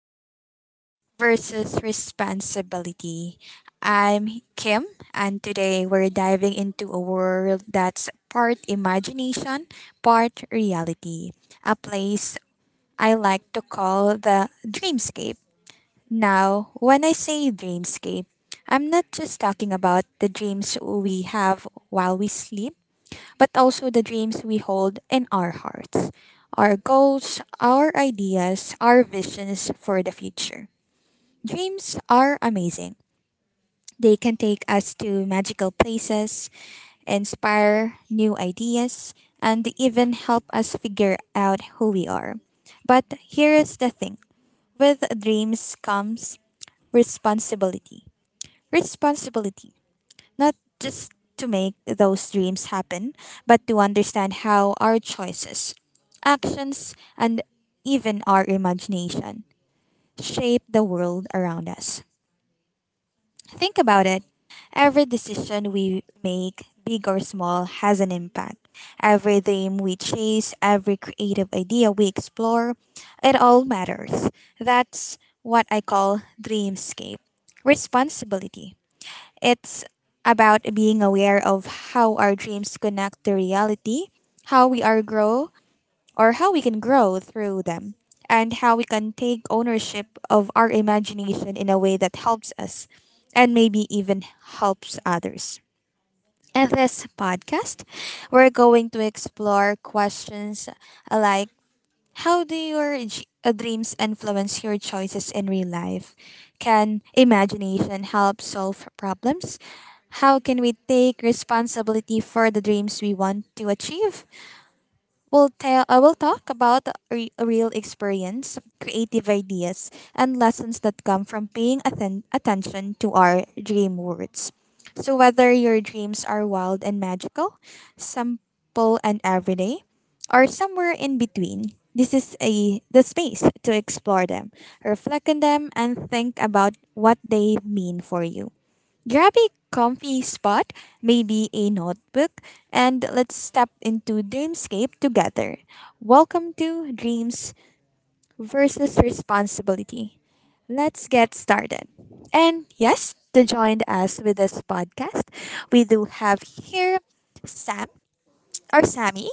Dreams versus Responsibility. I'm Kim, and today we're diving into a world that's part imagination, part reality. A place I like to call the dreamscape. Now, when I say dreamscape, I'm not just talking about the dreams we have while we sleep but also the dreams we hold in our hearts, our goals, our ideas, our visions for the future. Dreams are amazing. They can take us to magical places, inspire new ideas, and even help us figure out who we are. But here is the thing with dreams comes responsibility. Responsibility not just to make those dreams happen, but to understand how our choices, actions, and even our imagination shape the world around us. Think about it. Every decision we make, big or small, has an impact. Every dream we chase, every creative idea we explore, it all matters. That's what I call dreamscape responsibility. It's about being aware of how our dreams connect to reality, how we are grow how we can grow through them, and how we can take ownership of our imagination in a way that helps us and maybe even helps others. In this podcast, we're going to explore questions like how do your dreams influence your choices in real life? Can imagination help solve problems? How can we take responsibility for the dreams we want to achieve? We'll tell. I will talk about real experience, creative ideas, and lessons that come from paying attention to our dream words. So whether your dreams are wild and magical, simple and everyday, or somewhere in between, this is a the space to explore them, reflect on them, and think about what they mean for you. Grab a comfy spot, maybe a notebook, and let's step into Dreamscape together. Welcome to Dreams versus Responsibility. Let's get started. And yes, to join us with this podcast, we do have here Sam or Sammy,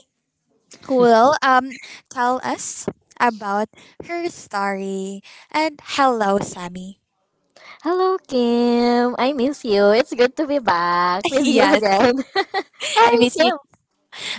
who will tell us about her story. And hello, Sammy. Hello, Kim. I miss you. It's good to be back with you Yes, again. How are I you, miss you Kim?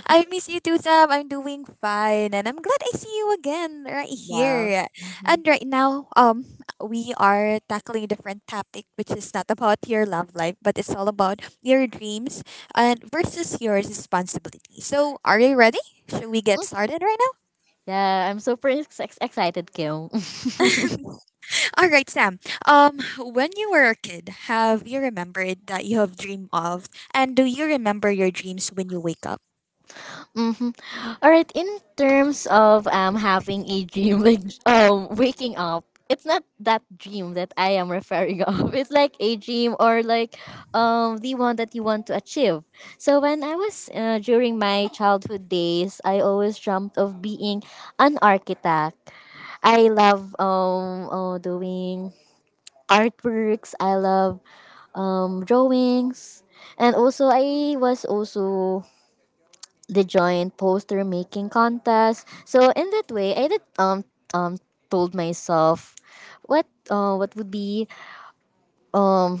I miss you too, Sam. I'm doing fine, and I'm glad I see you again right Yeah. here. Mhm. And right now, we are tackling a different topic, which is not about your love life, but it's all about your dreams and versus your responsibility. So, are you ready? Should we get started right now? Yeah, I'm super excited, Kim. All right, Sam. When you were a kid, have you remembered that you have dreamed of, and do you remember your dreams when you wake up? Mhm. All right, in terms of having a dream like waking up, it's not that dream that I am referring of. It's like a dream or like the one that you want to achieve. So when I was during my childhood days, I always dreamt of being an architect. I love doing artworks. I love drawings, and also I was also the joint poster making contest. So in that way, I did um told myself what would be um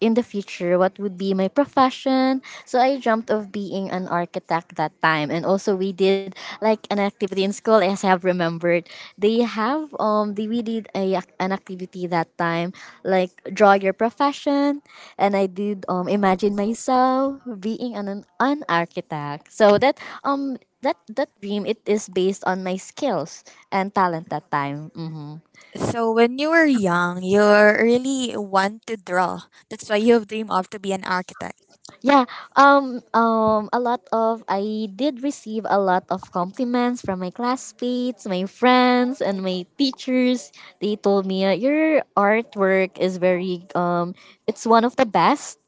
in the future what would be my profession. So I dreamt of being an architect that time. And also we did like an activity in school as I have remembered. They have we did an activity that time like draw your profession, and I did imagine myself being an architect. So that that dream it is based on my skills and talent that time. Mhm. So when you were young, you really want to draw. That's why you have dreamed of to be an architect. Yeah, a lot of I did receive a lot of compliments from my classmates, my friends, and my teachers. They told me your artwork is very it's one of the best.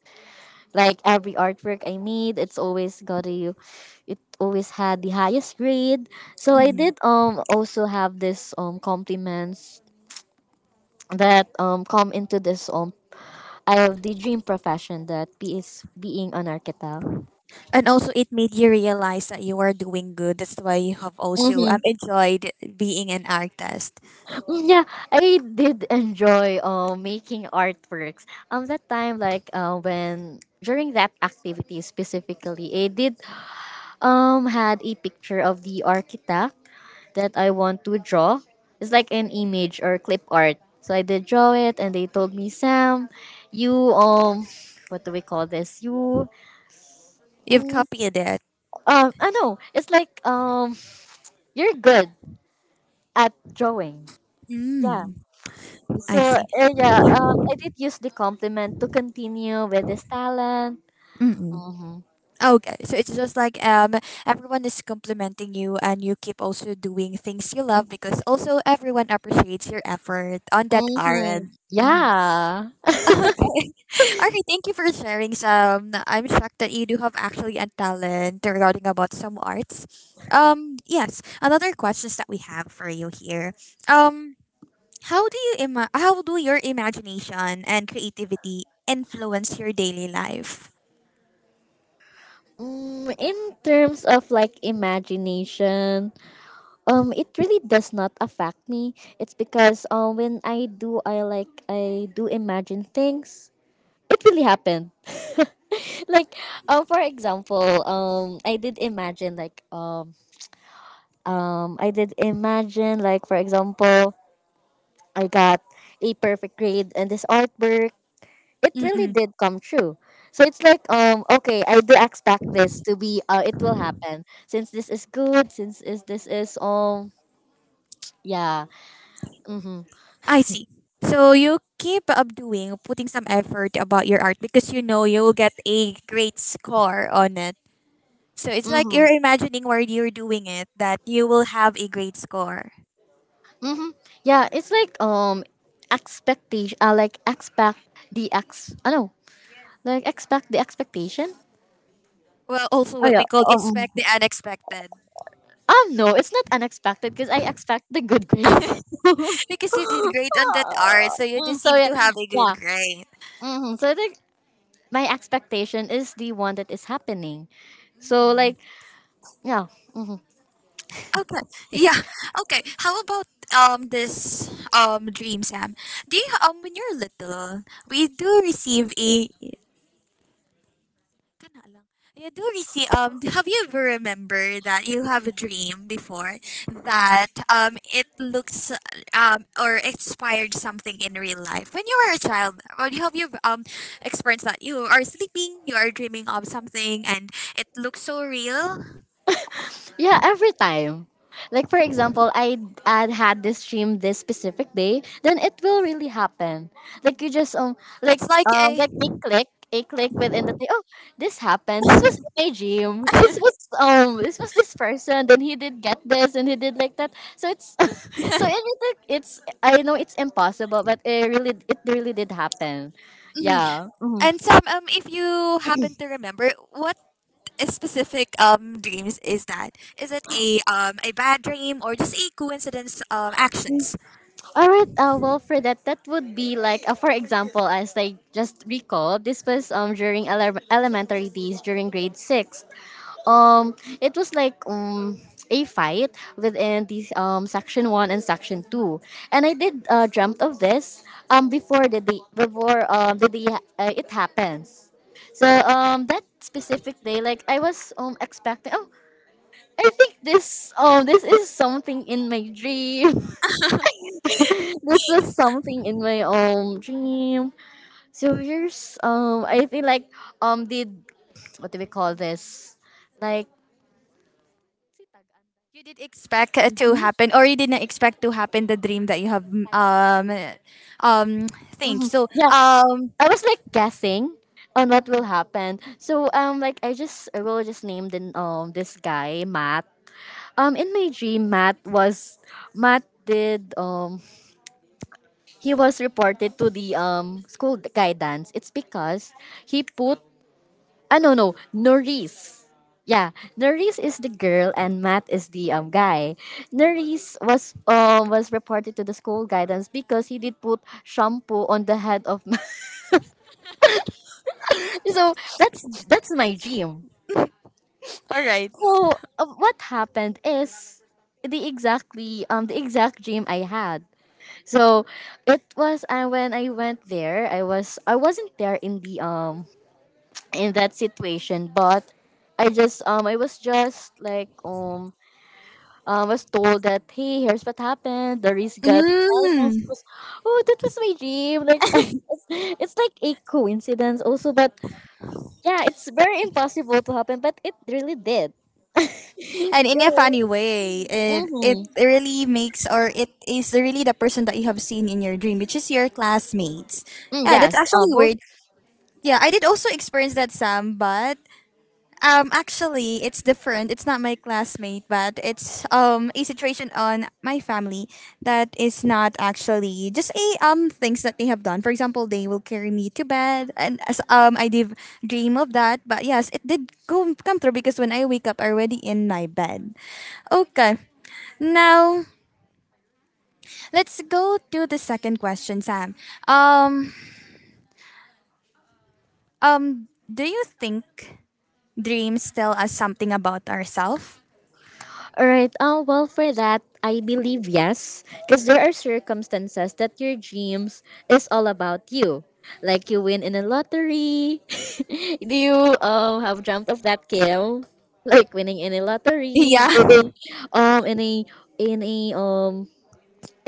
Like every artwork I made, it always had the highest grade. So I Mhm. did also have this compliments that come into this I have the dream profession that be is being an architect. And also it made you realize that you are doing good. That's why you have also have enjoyed being an artist. Yeah, I did enjoy making artworks. That time, like when during that activity specifically, I did had a picture of the architect that I want to draw. It's like an image or clip art. So I did draw it, and they told me, Sam, you what do we call this? You You've mm, copied it. I know it's like you're good at drawing. Yeah. Mm, So I see. Yeah, I did use the compliment to continue with this talent. Mm-mm. Mm-hmm. Okay, so it's just like everyone is complimenting you and you keep also doing things you love because also everyone appreciates your effort on that Mm-hmm. art. Hmm. Yeah. Okay, thank you for sharing some. I'm shocked that you do have actually a talent regarding about some arts. Yes, another questions that we have for you here. Um, how do your imagination and creativity influence your daily life? In terms of like imagination, it really does not affect me. It's because when I do, I do imagine things. It really happened. Like I did imagine I did imagine like, for example, I got a perfect grade in this artwork. It really Mm-mm. did come true. So it's like, okay, I do expect this to be it will happen since this is good, since is yeah. Mhm. I see. So you keep up doing putting some effort about your art because you know you will get a great score on it. So it's like Mhm. you're imagining while you're doing it that you will have a great score. Mhm. Yeah, it's like expectation. Like expect the ex I know like expect the expectation. Well, also Oh what yeah. we call expect the mm-hmm. unexpected. No, it's not unexpected because I expect the good grades. Because you did great on that art, so you so deserve yeah, to have a good yeah. grade. Hmm. So I think my expectation is the one that is happening. So Mm-hmm. like yeah. Mm-hmm. Okay. Yeah. Okay. How about this dream, Sam? When you're little, we do receive a Kana lang. Yeah, have you ever remember that you have a dream before that it looks or inspired something in real life when you were a child? Or have you experienced that you are sleeping, you are dreaming of something, and it looks so real? Yeah, every time. Like for example, I had this dream this specific day, then it will really happen. Like you just It's like a. like a click, a click within the day. Oh, this happened. This was my dream. This was this was this person. Then he did get this and he did like that. So it's so it's I know it's impossible, but it really did happen. Mhm. Yeah. Mm-hmm. and some if you happen to remember what specific dreams is that? Is it a bad dream or just a coincidence actions? All right. Well, for that, that would be like, for example, as I just recall, this was during elementary days, during grade six. Um, it was like a fight within the section one and section two, and I did dreamt of this before the day it happens. So that specific day, like I was expecting. Oh, I think this this is something in my dream. This was something in my dream. So here's I think like did what do we call this? Like. You did expect it to Mhm. happen, or you didn't expect to happen the dream that you have um um think. Mhm. Yeah, I was like guessing on what Mhm. will happen. So like I just I will just name the this guy Matt. In my dream Matt did he was reported to the school guidance. It's because he put. Ah, no, no, Norris. Yeah, Norris is the girl and Matt is the guy. Norris was reported to the school guidance because he did put shampoo on the head of Matt. So that's my dream. All right. So what happened is the exact dream I had. So it was when I went there, I wasn't there in the in that situation, but I just I was just like was told that, hey, here's what happened. The risk got guidance. It Mm. was, oh, that was my dream. Like, it's like a coincidence also. But yeah, it's very impossible to happen. But it really did. And in Yeah. a funny way, it Mm-hmm. really makes or it is really the person that you have seen in your dream, which is your classmates. Mm, Yeah, that's yes. Actually both. weird. Yeah, I did also experience that, Sam, but actually, it's different. It's not my classmate, but it's a situation on my family that is not actually just a things that they have done. For example, they will carry me to bed, and as I did dream of that. But yes, it did go come through because when I wake up, I already in my bed. Okay, now let's go to the second question, Sam. Um, do you think dreams tell us something about ourselves? All right. Well, for that, I believe yes, because there are circumstances that your dreams is all about you. Like you win in a lottery. Do you have dreamt of that, Kim? Like winning in a lottery, Yeah. being um in a in a um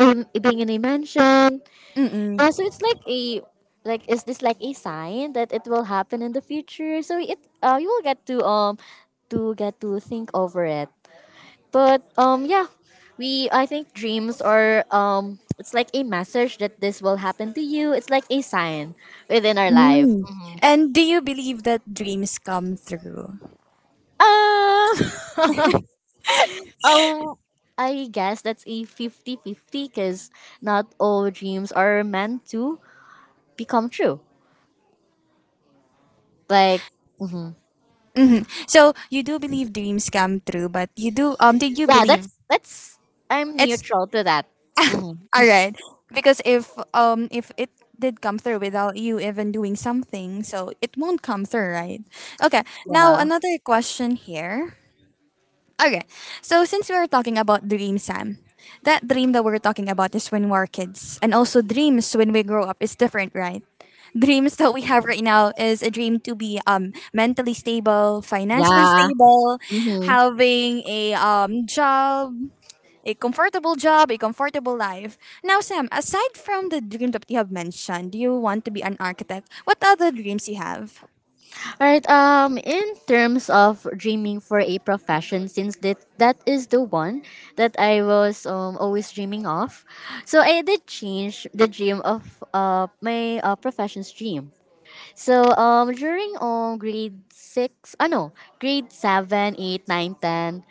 in, being in a mansion. Mm-mm. Yeah, so it's like a like, is this like a sign that it will happen in the future? So it you will get to get to think over it. But yeah, we I think dreams are it's like a message that this will happen to you. It's like a sign within our life. Mm. And do you believe that dreams come true? Ah! Um. Oh, I guess that's a 50-50, because not all dreams are meant to become true. Like, mhm. So you do believe dreams come true, but you do did you Yeah, believe that's I'm it's neutral to that. Hmm. all right because if it did come through without you even doing something, so it won't come through, right? Okay. Now Yeah. another question here. Okay. So since we are talking about dreams, Sam, that dream that we're talking about is when we're kids. And also dreams when we grow up is different, right? Dreams that we have Mhm. right now is a dream to be mentally stable, financially Yeah. stable, Hmm. having a job, a comfortable life. Now, Sam, aside from the dream that you have mentioned, do you want to be an architect? What other dreams you have? Alright, in terms of dreaming for a profession, since that is the one that I was always dreaming of, so I did change the dream of my profession's dream. So during grade six, ah no, grade seven, eight, nine, ten,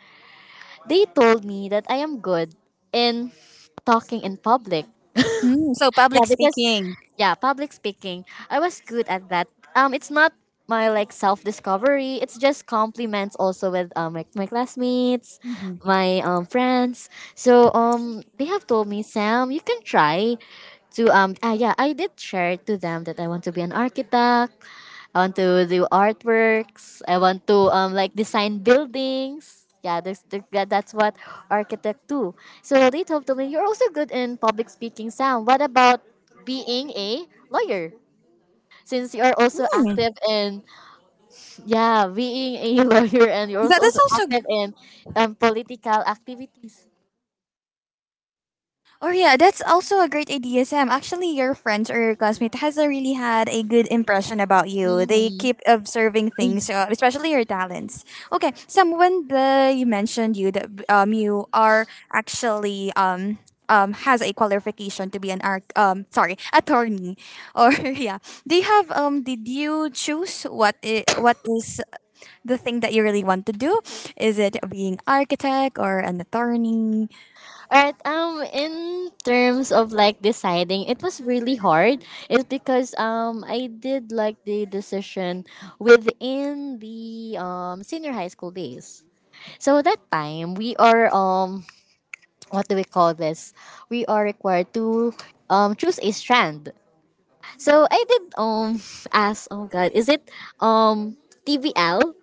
they told me that I am good in talking in public. Mm, so Yeah, public because speaking. yeah, public speaking, I was good at that. It's not my like self discovery. It's just compliments also with like my classmates, Mhm. my friends. So they have told me, Sam, you can try to yeah, I did share to them that I want to be an architect. I want to do artworks. I want to like design buildings. Yeah, that's what architect do. So they told me you're also good in public speaking. Sam, what about being a lawyer? Since you are also Hmm, active in yeah being a lawyer and you're That is also also active in political activities. Oh yeah, that's also a great idea, Sam. Actually, your friends or your classmate has a really had a good impression about you. They Mm-hmm. keep observing things, especially your talents. Okay, Sam, when the you mentioned you that you are actually has a qualification to be an arc sorry, attorney, or yeah, do you have did you choose what is the thing that you really want to do? Is it being architect or an attorney? Alright, in terms of like deciding, it was really hard. It's because I did like the decision within the senior high school days. So that time we are what do we call this? We are required to choose a strand. So I did ask oh god, is it um TVL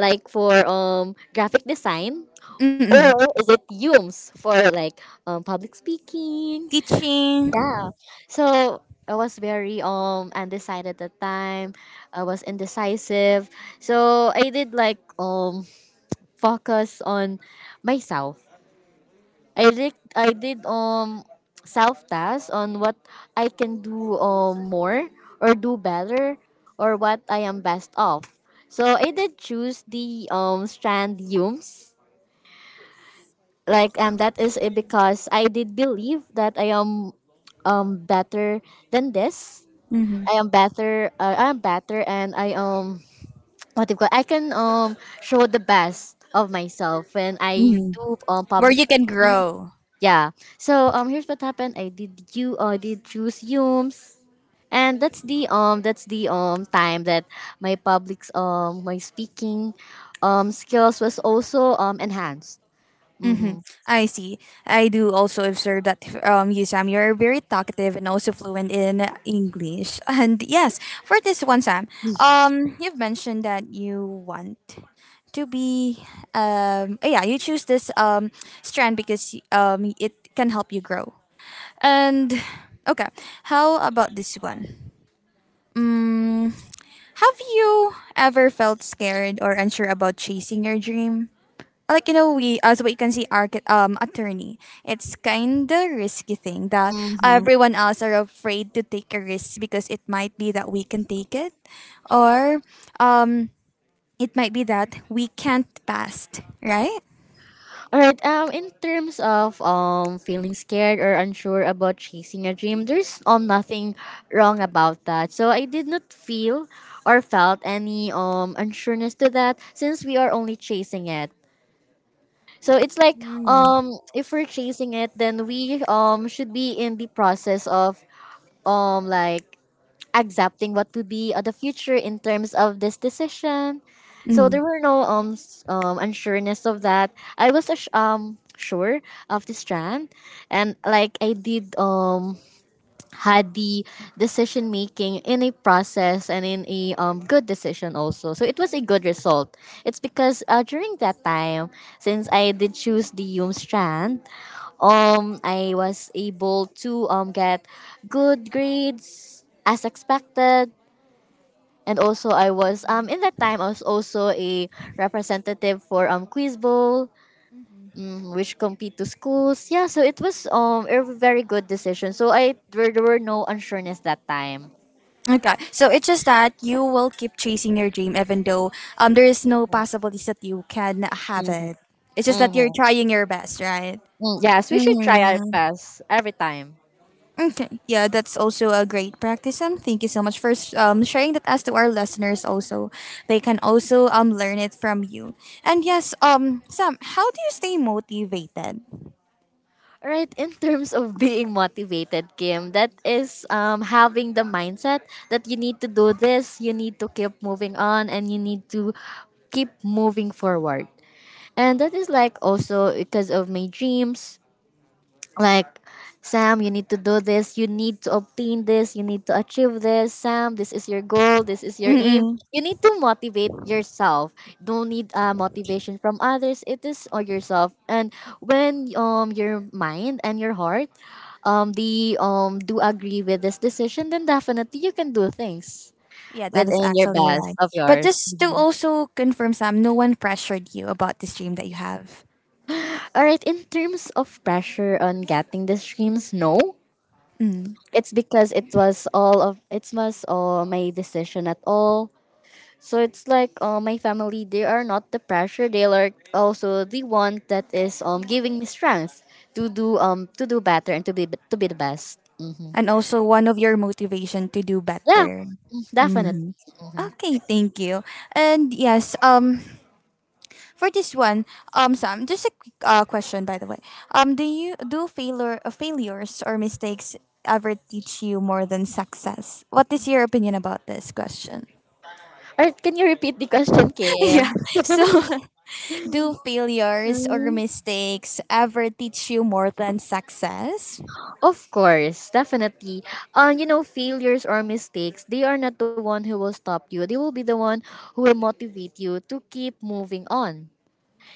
like for graphic design, Mm-mm. or is it UMS for like public speaking, Teaching. yeah. So I was very undecided at the time. I was indecisive. So I did like focus on myself. I did self tasks on what I can do more or do better or what I am best of. So I did choose the strand Humes. Like that is it, because I did believe that I am better than this. Hmm. I am better, and I what do you call, I can show the best of myself when I Hmm. do Where public you can speaking, grow. yeah. So here's what happened. I did you did choose Yums, and that's the time that my public's my speaking skills was also enhanced. Hmm. I see. I do also observe that you, Sam, you're very talkative and also fluent in English. And yes, for this one, Sam, you've mentioned that you want to be yeah, you choose this strand because it can help you grow, and okay, how about this one? Have you ever felt scared or unsure about chasing your dream, like we as what you can see, attorney, it's kind of risky thing that Mm-hmm. everyone else are afraid to take a risk because it might be that we can take it, or um, it might be that we can't pass, right? All right. In terms of feeling scared or unsure about chasing a dream, there's nothing wrong about that. So I did not feel or felt any unsureness to that since we are only chasing it. So it's like, Mm. If we're chasing it then we should be in the process of like accepting what would be the future in terms of this decision. So Mm. there were no unsureness of that. I was sure of this strand, and like I did had the decision making in a process and in a good decision also, so it was a good result. It's because during that time, since I did choose the yum strand, I was able to get good grades as expected, and also I was in that time I was also a representative for quiz bowl, which compete to schools. Yeah, so it was a very good decision. So I there were no unsureness that time. Okay, so it's just that you will keep chasing your dream even though there is no possibilities that you can have it. It's just that you're Mm-hmm. trying your best, right? Mm-hmm. Yes, we should try our best every time. Okay. Yeah, that's also a great practice. Thank you so much for sharing that as to our listeners also. They can also learn it from you. And yes, Sam, how do you stay motivated? Right, in terms of being motivated, Kim, that is, having the mindset that you need to do this, you need to keep moving on, and you need to keep moving forward, and that is, like, also because of my dreams. Like, Sam, you need to do this, you need to obtain this, you need to achieve this. Sam, this is your goal, this is your aim. Mm-mm. You need to motivate yourself, don't need motivation from others, it is on yourself. And when your mind and your heart, they do agree with this decision, then definitely you can do things Yeah, that is within your actually best right. of But yours. just to also confirm, Sam, no one pressured you about this dream that you have. All right, in terms of pressure on getting the streams, no, Mm. it's because it was all my decision at all. So it's like, my family, they are not the pressure, they are also the one that is giving me strength to do better, and to be the best. Hmm. And also one of your motivation to do Yeah, better. definitely. Mhm. Okay, thank you. And yes, for this one, Sam, just a quick question, by the way. Do you do failures or mistakes ever teach you more than success? What is your opinion about this question? Or can you repeat the question, Yeah. Kim? So, do failures or mistakes ever teach you more than success? Of course, definitely. Failures or mistakes, they are not the one who will stop you. They will be the one who will motivate you to keep moving on.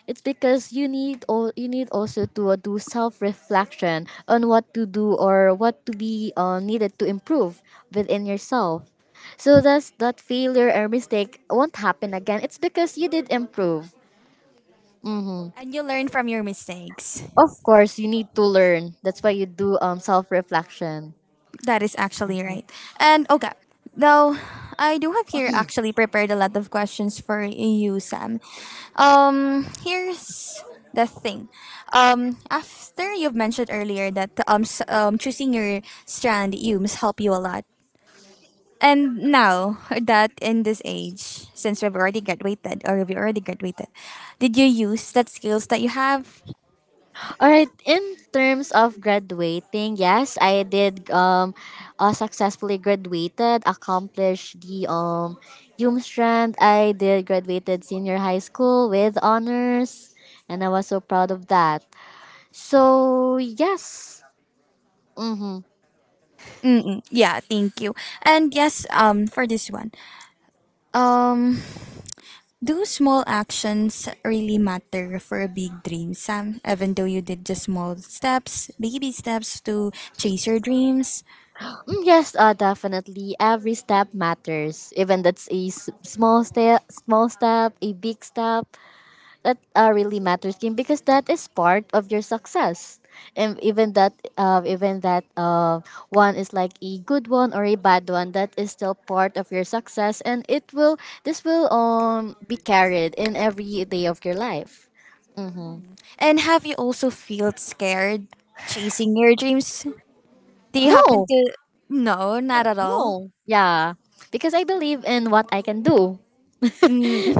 It's because you need also to do self reflection on what to do or what to be needed to improve within yourself. So thus that failure or mistake won't happen again. It's because you did improve. And you learn from your mistakes. Of course, you need to learn. That's why you do self reflection. That is actually right. And okay, now, I do have here actually prepared a lot of questions for you, Sam. Here's the thing. After you've mentioned earlier that choosing your strand Humes help you a lot. And now that in this age, since we've already graduated, did you use that skills that you have? All right, in terms of graduating, yes, I did successfully graduated, accomplished the strand. I did graduated senior high school with honors, and I was so proud of that. So, yes. Mm-mm, yeah, thank you. And yes, for this one, um, Do small actions really matter for a big dream, Sam? Even though you did just small steps, baby steps to chase your dreams. Mm, yes, definitely. Every step matters. Even that's a small step, a big step. That really matters, Kim, because that is part of your success. And even that one is like a good one or a bad one, that is still part of your success, and it will this will be carried in every day of your life. Mm-hmm. And have you also felt scared chasing your dreams? Do you happen No, to? No, not at all. no. Yeah, because I believe in what I can do. Mm.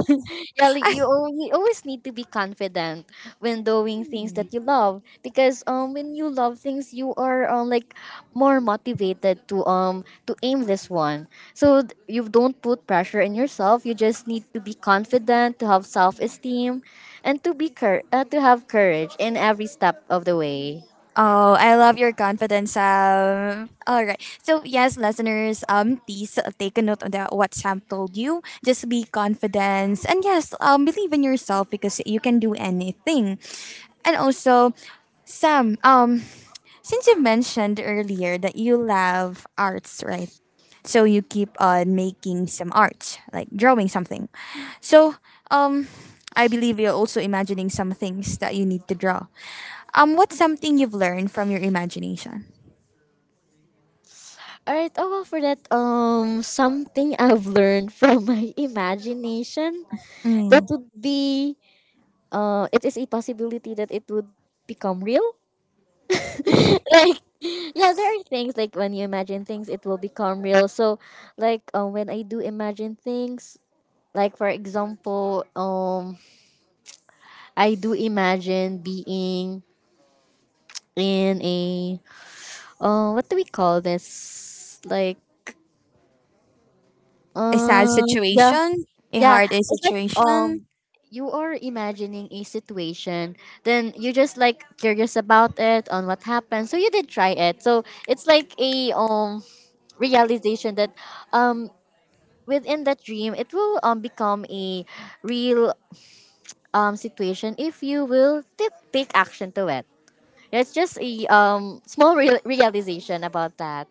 Yeah, like, you always need to be confident when doing things that you love, because when you love things you are, like, more motivated to aim this one. So you don't put pressure in yourself. You just need to be confident, to have self esteem, and to have courage in every step of the way. Oh, I love your confidence, Sam. All right. So, yes, listeners, please take a note on that, what Sam told you. Just be confident. And yes, believe in yourself because you can do anything. And also, Sam, since you mentioned earlier that you love arts, right? So you keep on making some art, like drawing something. So, um, I believe you're also imagining some things that you need to draw. What's something you've learned from your imagination? All right. Oh, well, for that something I've learned from my imagination, that Mm. would be, it is a possibility that it would become real. Like, yeah, there are things like when you imagine things, it will become real. So, like, when I do imagine things, like for example, I do imagine being in a — what do we call this? Like, A sad yeah. situation, a Yeah, hard day it's like, situation. You are imagining a situation, then you're just like curious about it on what happened. So you did try it. So it's like a realization that um within that dream it will become a real situation if you will take action to it. Yeah, it's just a small realization about that.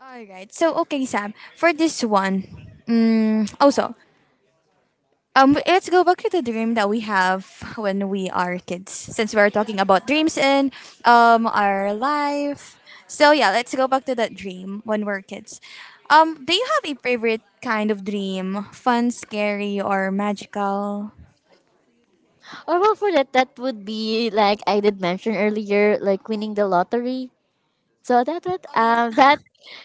All right. So, okay, Sam. For this one, also. Let's go back to the dream that we have when we are kids, since we are talking about dreams in our life. So yeah, let's go back to that dream when we're kids. Do you have a favorite kind of dream? Fun, scary, or magical? Or, well, for that would be like I did mention earlier, like winning the lottery. So that was Oh yeah. um that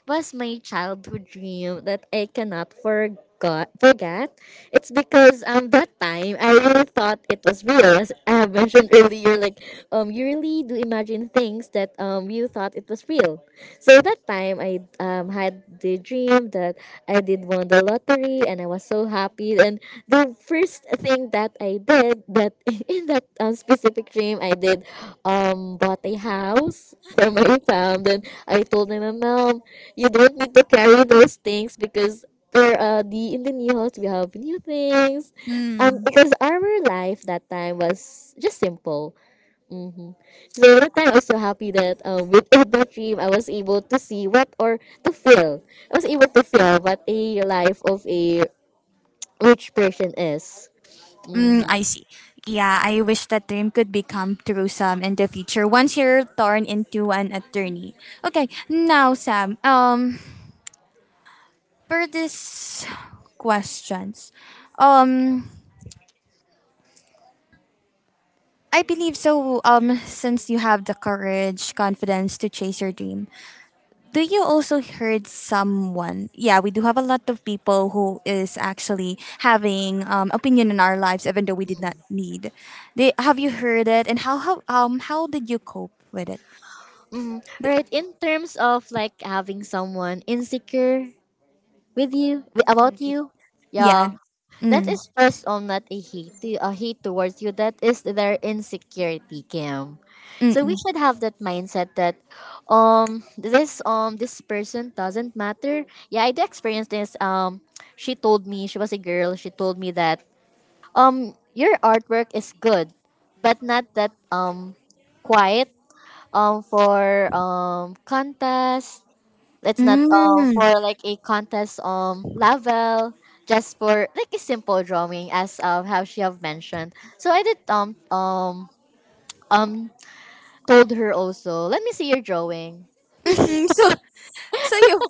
was my childhood dream that I cannot forgot forget. It's because, that time I really thought it was real. As I have mentioned earlier, like, you really do imagine things that you thought it was real. So that time I had the dream that I did won the lottery, and I was so happy. And the first thing that I did that in that specific dream, I did bought a house for my fam. Then I told them, Mom, you don't need to carry those things, because there the in the new house we have new things, Mm, because our life that time was just simple. Mm-hmm. So that time I was so happy, that with that dream I was able to see what, or to feel, I was able to feel what a life of a rich person is. mm, Mm-hmm. I see. Yeah, I wish that dream could become true, Sam, in the future once you're torn into an attorney. Okay, now Sam. For this questions, um, I believe so. Since you have the courage, confidence to chase your dream, do you also heard someone? Yeah, we do have a lot of people who is actually having opinion in our lives, even though we did not need. They have you heard it, and how did you cope with it? Mm, right. In terms of like having someone insecure about you. Yeah, Yeah. that is Mm, first, not a hate to a hate towards you. That is their insecurity, Kim. mm, So we mm, should have that mindset that this person doesn't matter. Yeah, I did experience this. She told me — she was a girl — she told me that your artwork is good, but not that quiet for contest, it's not mm, for like a contest level, just for like a simple drawing, as how she have mentioned. So I did um told her also, let me see your drawing. mm, so so you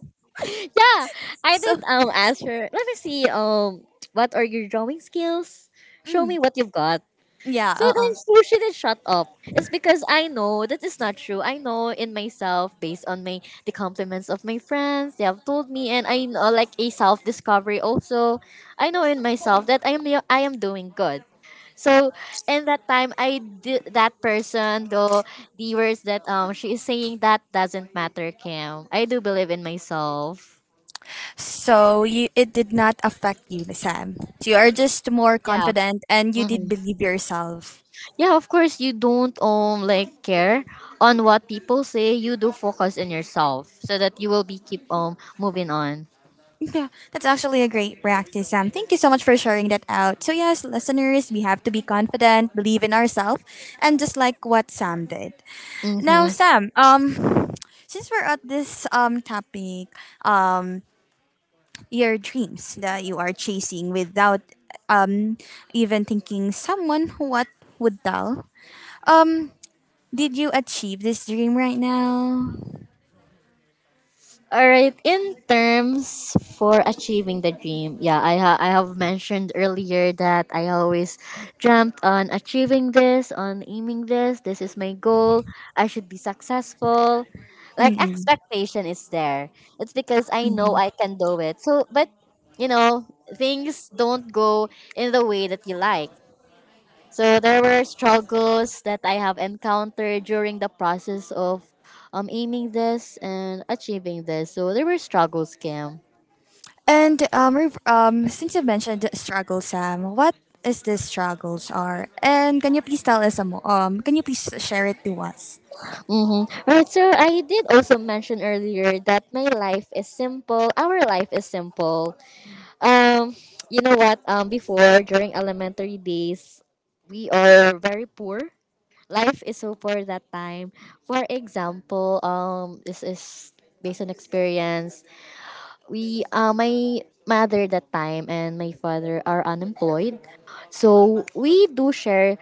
Yeah, I so did ask her, let me see, what are your drawing skills? Show mm, me what you've got. yeah So then, you shouldn't shut up. It's because I know that is not true. I know in myself, based on my the compliments of my friends, they have told me, and I know, like, a self discovery also. I know in myself that I am doing good. So in that time, I did that person though the words that she is saying, that doesn't matter, Kim. I do believe in myself. So you, it did not affect you, Sam. So you are just more Yeah. confident and you did Mm-hmm. believe yourself. Yeah, of course you don't, like, care on what people say. You do focus on yourself so that you will be keep moving on. Yeah, that's actually a great practice, Sam. Thank you so much for sharing that out. So yes, listeners, we have to be confident, believe in ourselves, and just like what Sam did. Now, Mm-hmm. Sam, since we're at this topic, um, your dreams that you are chasing without um even thinking someone what would tell. Um, Did you achieve this dream right now? All right, in terms for achieving the dream, yeah, I have mentioned earlier that I always dreamt on achieving this, on aiming this. This is my goal. I should be successful. Like Mm-mm. expectation is there. It's because I know Mm-hmm. I can do it. So, but, you know, things don't go in the way that you like. So there were struggles that I have encountered during the process of aiming this and achieving this. So there were struggles, Kim. And since you mentioned struggle, Sam, what is the struggles are? And can you please tell us some more? Can you please share it to us? Mm-hmm. Right, so I did also mention earlier that my life is simple. Our life is simple. Um, you know what? Before, during elementary days, we are very poor. Life is so poor that time. For example, this is based on experience. We My mother that time and my father are unemployed, so we do share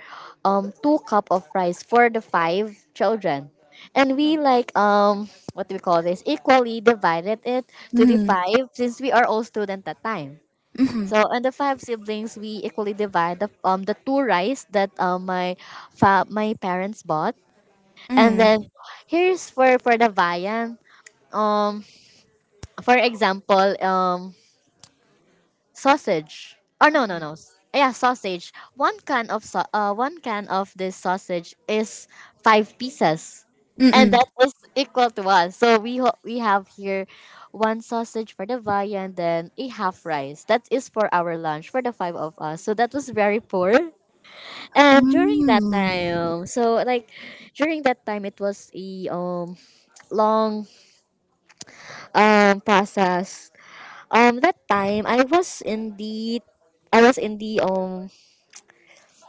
two cup of rice for the five children, and we, like, what do we call this, equally divided it to the Mm-hmm. five since we are all student that time. Mm-hmm. So, and the five siblings, we equally divide the two rice that my parents bought. And Mm-hmm. then, here's for the viand, um for example, sausage. Oh, no, no, no. Yeah, sausage. One can of this sausage is five pieces, and Mm-mm. that is equal to us. So we have here one sausage for the viand, then a half rice. That is for our lunch for the five of us. So that was very poor. And during that Mm-mm. time, so, like, it was a long process. That time I was in the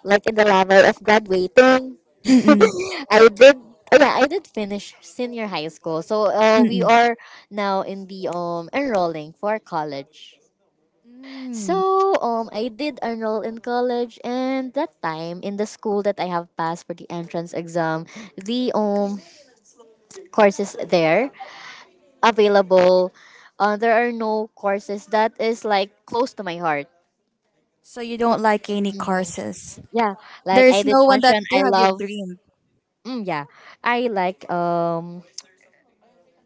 like, in the level of graduating. Mm-mm. I did. Oh Yeah, I did finish senior high school. So we Mm-mm. are now in the enrolling for college. Mm. So I did enroll in college, and that time, in the school that I have passed for the entrance exam, the courses there available. There are no courses that is like close to my heart. So you don't like any courses. Yeah, like There's I did no one that mention, I you had your love. dream. Mm, yeah, I like, um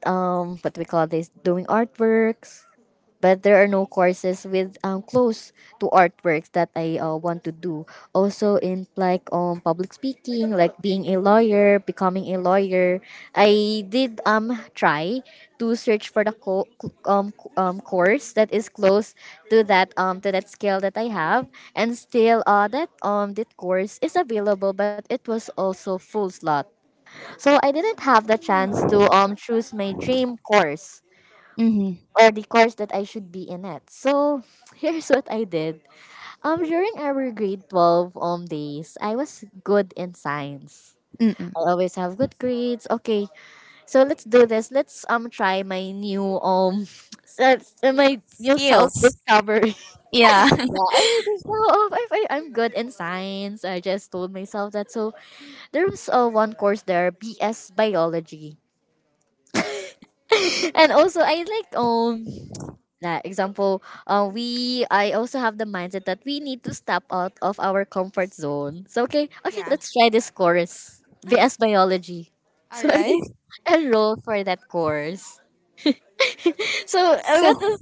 um what we call this, doing artworks, but there are no courses with, close to artworks that I want to do. Also in, like, public speaking, like being a lawyer, becoming a lawyer. I did try to search for the course that is close to that, to that skill that I have, and still, that course is available, but it was also full slot. So I didn't have the chance Mm. to choose my dream course, Mm-hmm. or the course that I should be in it. So, here's what I did. During our grade 12 days, I was good in science. Mm-mm. I always have good grades. Okay, so let's do this. Let's try my new that's my new self Skills. discovery. Yeah. Yeah, I just know, oh, I'm good in science. I just told myself that. So there was one course there, BS biology, and also I like example, we I also have the mindset that we need to step out of our comfort zone, so okay, okay, yeah. let's try this course, BS biology. All So I right. did enroll for that course. So what So is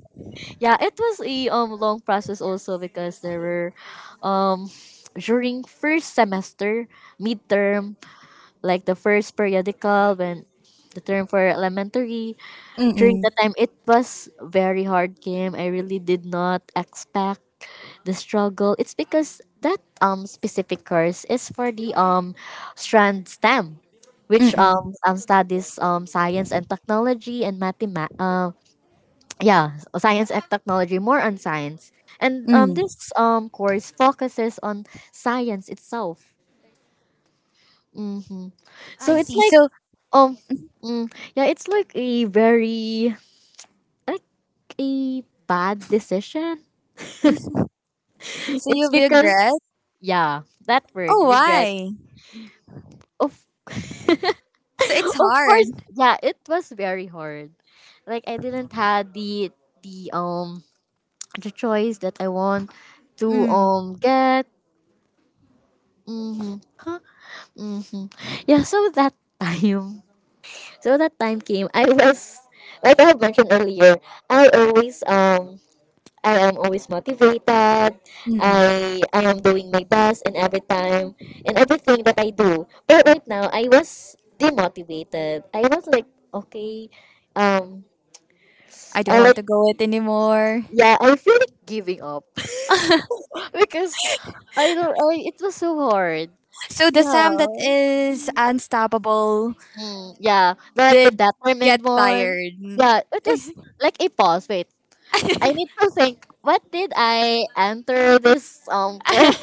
yeah, it was a long process also, because there were, um during first semester, midterm, like the first periodical, when the term for elementary, during Mm-mm. the time, it was very hard game. I really did not expect the struggle. It's because that specific course is for the strand STEM, which Mm-mm. Studies science and technology and yeah, science and technology, more on science. And Mm. this course focuses on science itself. Mm-hmm. I So it's see. like, So, um mm, yeah, it's like a very, like, a bad decision. so It's you because regret? yeah, that word Oh, regret. why? Of So it's Of hard. course, yeah, it was very hard. Like I didn't had the um the choice that I want to Mm. Get. Mm-hmm. Huh? Mm-hmm. Yeah, so that time, so that time came. I was like I have mentioned earlier. I always um I am always motivated. Mm-mm. I am doing my best in every time, in everything that I do. But right now I was demotivated. I was like, okay, um I don't I want like, to go it anymore. yeah, I feel like giving up. Because I don't I it was so hard. So the Sam that Yeah. is unstoppable Mm, yeah. Like the did get determined one. tired. Yeah, it was like a pause. Wait. I need to think, what did I enter this course?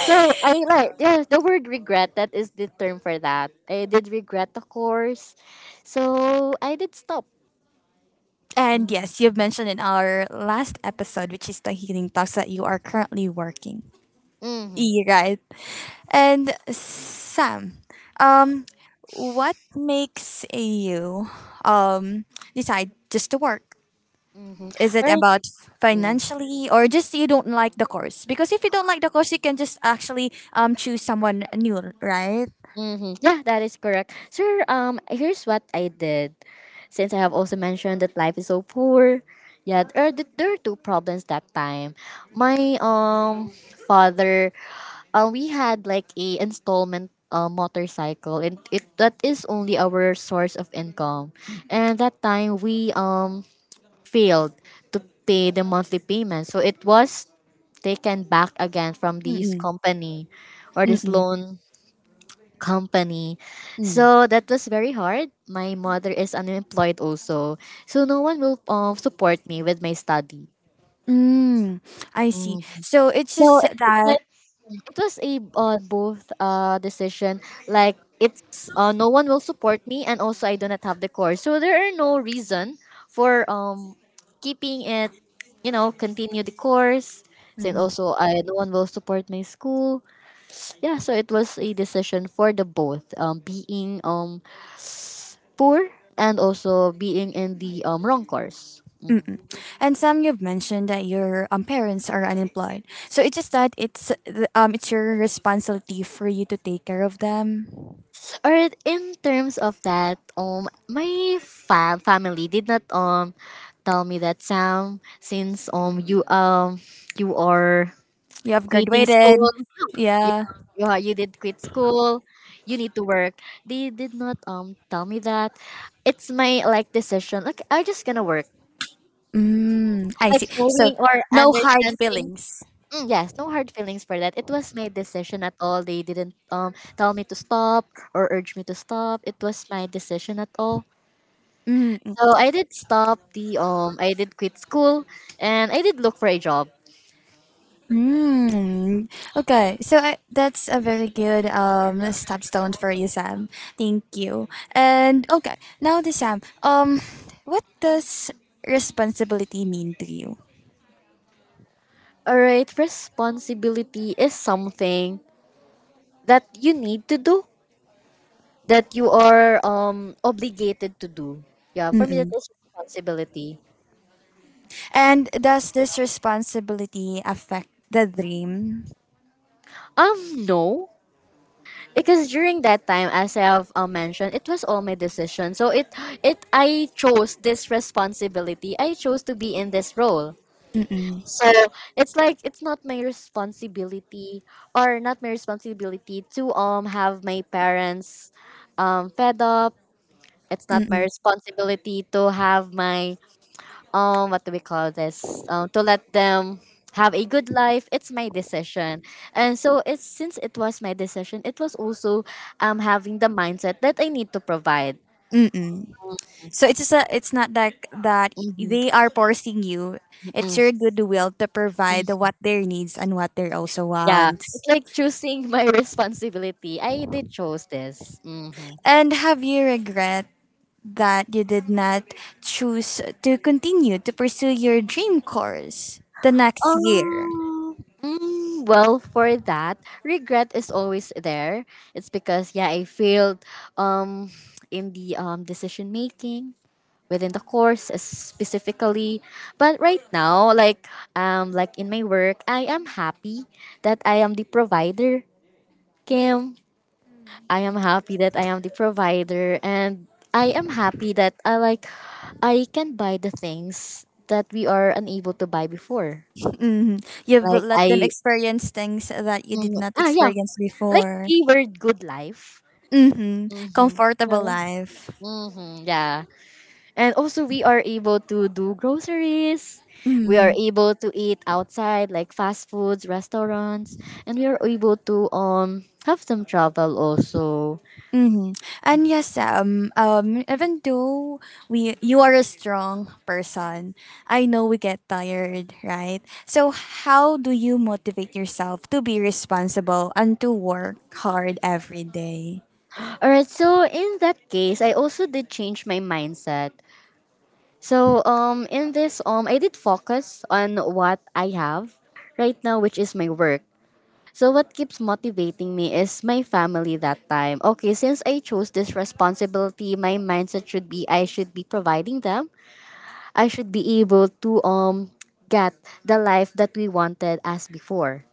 So I, like, yeah, the word regret, that is the term for that. I did regret the course, so I did stop. And yes, you've mentioned in our last episode, which is the healing talks, that you are currently working. Mm-hmm. E right. And Sam, um, what makes you um decide just to work? Mm-hmm. Is All it right. about financially or just you don't like the course? Because if you don't like the course, you can just actually choose someone new, right? Mm-hmm. Yeah, that is correct, sir. Here's what I did. Since I have also mentioned that life is so poor, yeah, there are two problems that time. My father, we had like a installment motorcycle, and it that is only our source of income. And that time we failed to pay the monthly payment, so it was taken back again from this Mm-mm, company, or this mm-mm, loan company. mm. So that was very hard. My mother is unemployed also, so no one will support me with my study. Mm, I see. So it's So just it was that. like, it was a both decision. Like, it's no one will support me, and also I do not have the course, so there are no reason for keeping it, continue the course. And Mm, also, I no one will support my school. Yeah, so it was a decision for the both, being poor, and also being in the wrong course. mm-mm. And Sam, you've mentioned that your parents are unemployed. So it's just that it's your responsibility for you to take care of them. Or in terms of that, my family did not tell me that, Sam, since you are You have quitting graduated. school, you Yeah. You did quit school, you need to work. They did not tell me that. It's my, like, decision. Like, I just gonna work. Mm, I Like see. So knowing or no hard understanding. feelings. Mm, yes, no hard feelings for that. It was my decision at all. They didn't tell me to stop or urge me to stop. It was my decision at all. Mm, So I did stop the I did quit school, and I did look for a job. Mm, okay, so I, that's a very good stepstone for you, Sam. Thank you. And okay, now the Sam. What does responsibility mean to you? Alright, responsibility is something that you need to do, that you are obligated to do. Yeah, for me that Mm-mm. is responsibility. And does this responsibility affect the dream? No. Because during that time, as I have mentioned, it was all my decision. So it I chose this responsibility. I chose to be in this role. Mm-mm. So it's like, it's not my responsibility, or not my responsibility, to have my parents fed up. It's not my Mm-mm. responsibility to have my, what do we call this? To let them have a good life. It's my decision. And so it's since it was my decision, it was also having the mindset that I need to provide. Mm-mm. So it's just a, it's not like that Mhm. they are forcing you. It's mm your goodwill to provide what their needs and what their also Yeah, wants. it's like choosing my responsibility. I did chose this. Hmm. And have you regret that you did not choose to continue to pursue your dream course the next year. Um, well, for that, regret is always there. It's because yeah, I failed um in the decision making within the course, specifically. But right now, like, like in my work, I am happy that I am the provider, Kim. I am happy that I am the provider, and I am happy that I can buy the things that we are unable to buy before. Hmm. You've Like let them I experience things that you did mm, not ah, yeah, experience like, before. keyword good life. Hmm. Mm-hmm. Comfortable Yeah. life. Mm-hmm. Yeah. And also we are able to do groceries. We Mm-hmm. are able to eat outside, like fast foods, restaurants, and we are able to have some travel also. Mm-hmm. And yes, even though we you are a strong person, I know we get tired, right? So how do you motivate yourself to be responsible and to work hard every day? All right, so in that case, I also did change my mindset. So in this I did focus on what I have right now, which is my work. So what keeps motivating me is my family that time. Okay, since I chose this responsibility, my mindset should be I should be providing them. I should be able to get the life that we wanted as before.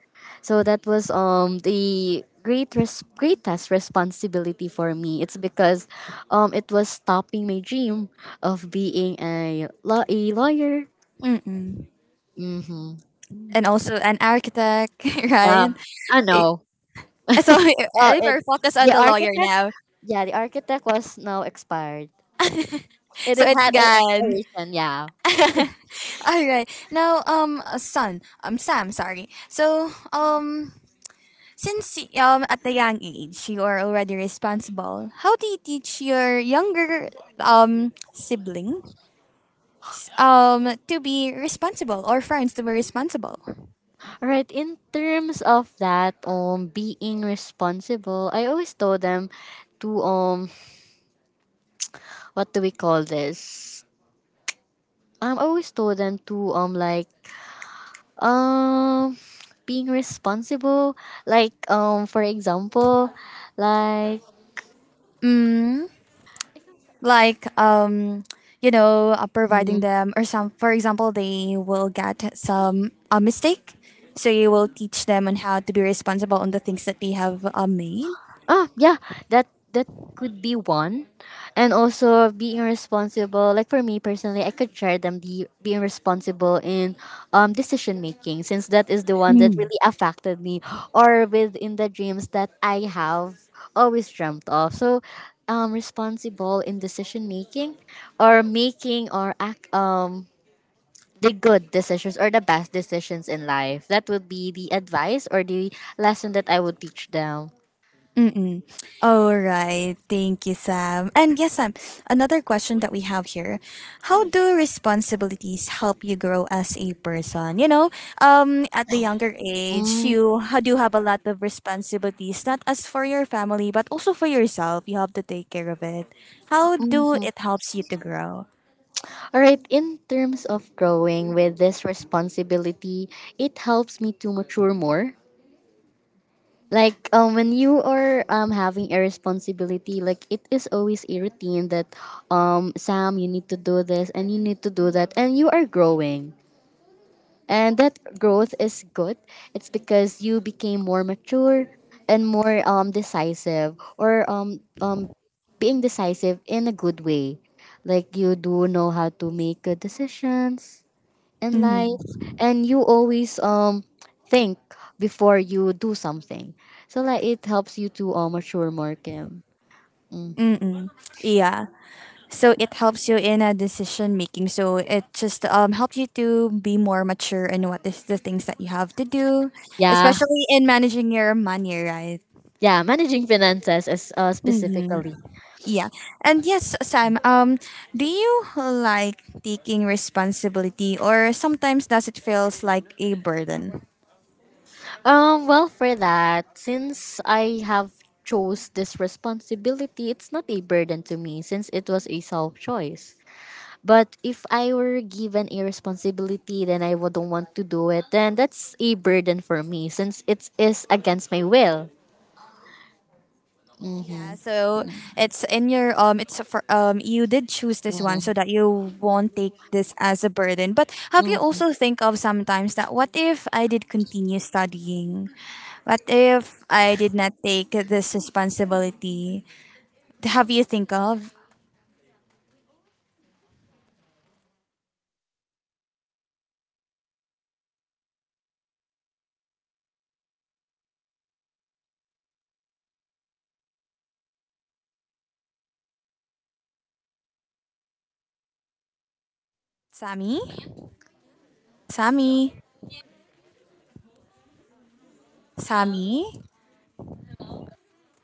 So that was the greatest responsibility for me. It's because it was stopping my dream of being a lawyer. Mm-mm. Mm-hmm. And also an architect, right? I- So Oh, we're focused on the the lawyer architect. now. Yeah, the architect was now expired. It So is it's had a gone. inspiration, yeah. All right. Now, Sam, sorry. Since at the young age you are already responsible, how do you teach your younger sibling to be responsible or friends to be responsible? All right, in terms of that, being responsible, I always told them to, what do we call this? I always told them to, like, um, being responsible, like, for example, like... Mm. Like you know providing them or some, for example they will get some a mistake so you will teach them on how to be responsible on the things that they have made. Oh yeah, that that could be one, and also being responsible. Like, for me personally, I could share them the being responsible in decision making, since that is the one that really affected me, or within the dreams that I have always dreamt of. So, responsible in decision making, or making or act the good decisions or the best decisions in life. That would be the advice or the lesson that I would teach them. Mm-mm. All right. Thank you, Sam. And yes, Sam, another question that we have here. How do responsibilities help you grow as a person? You know, at the younger age, you do have a lot of responsibilities, not as for your family, but also for yourself. You have to take care of it. How do Mm. it helps you to grow? All right, in terms of growing with this responsibility, it helps me to mature more. Like, when you are, having a responsibility, like, it is always a routine that, Sam, you need to do this and you need to do that, and you are growing. And that growth is good. It's because you became more mature, and more, decisive, or being decisive in a good way. Like, you do know how to make decisions in Mm-hmm. life, and you always think before you do something, so, like, it helps you to mature more, Kim. Mm. Mm-mm. Yeah. So it helps you in a decision making. So it just helps you to be more mature in what is the things that you have to do, Yeah, especially in managing your money, right? yeah, managing finances is Hmm. specifically... Yeah. And yes, Sam, do you like taking responsibility or sometimes does it feels like a burden? Well, for that, since I have chose this responsibility, it's not a burden to me, since it was a self choice. But if I were given a responsibility, then I wouldn't want to do it, then that's a burden for me, since it is against my will. Yeah, so it's in your it's for you did choose this one so Mm, that you won't take this as a burden. But have you mm. also think of sometimes that what if I did continue studying? What if I did not take this responsibility? Have Well, you for think that, I of mhm, yeah, we always think of that. Like, what if I did continue college? What did I choose the correct course? The course that is for me. But, I just, like, did not. Hello, Sammy? Kim, Kim, Sammy? Kim. Hello, Sammy? hello,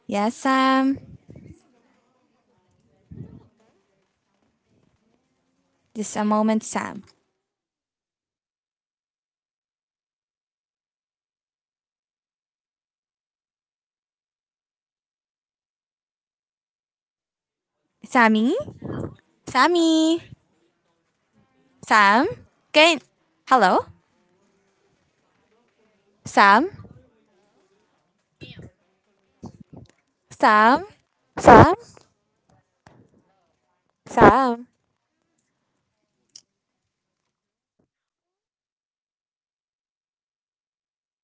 Yes, Sam. Just a Kim. moment, Sam. Hello, hello, Sammy? hello, Sammy? Sam? hello, Can hello? Sam? hello, Kim, Kim. Sam? Sam? Sam, Hello. It stops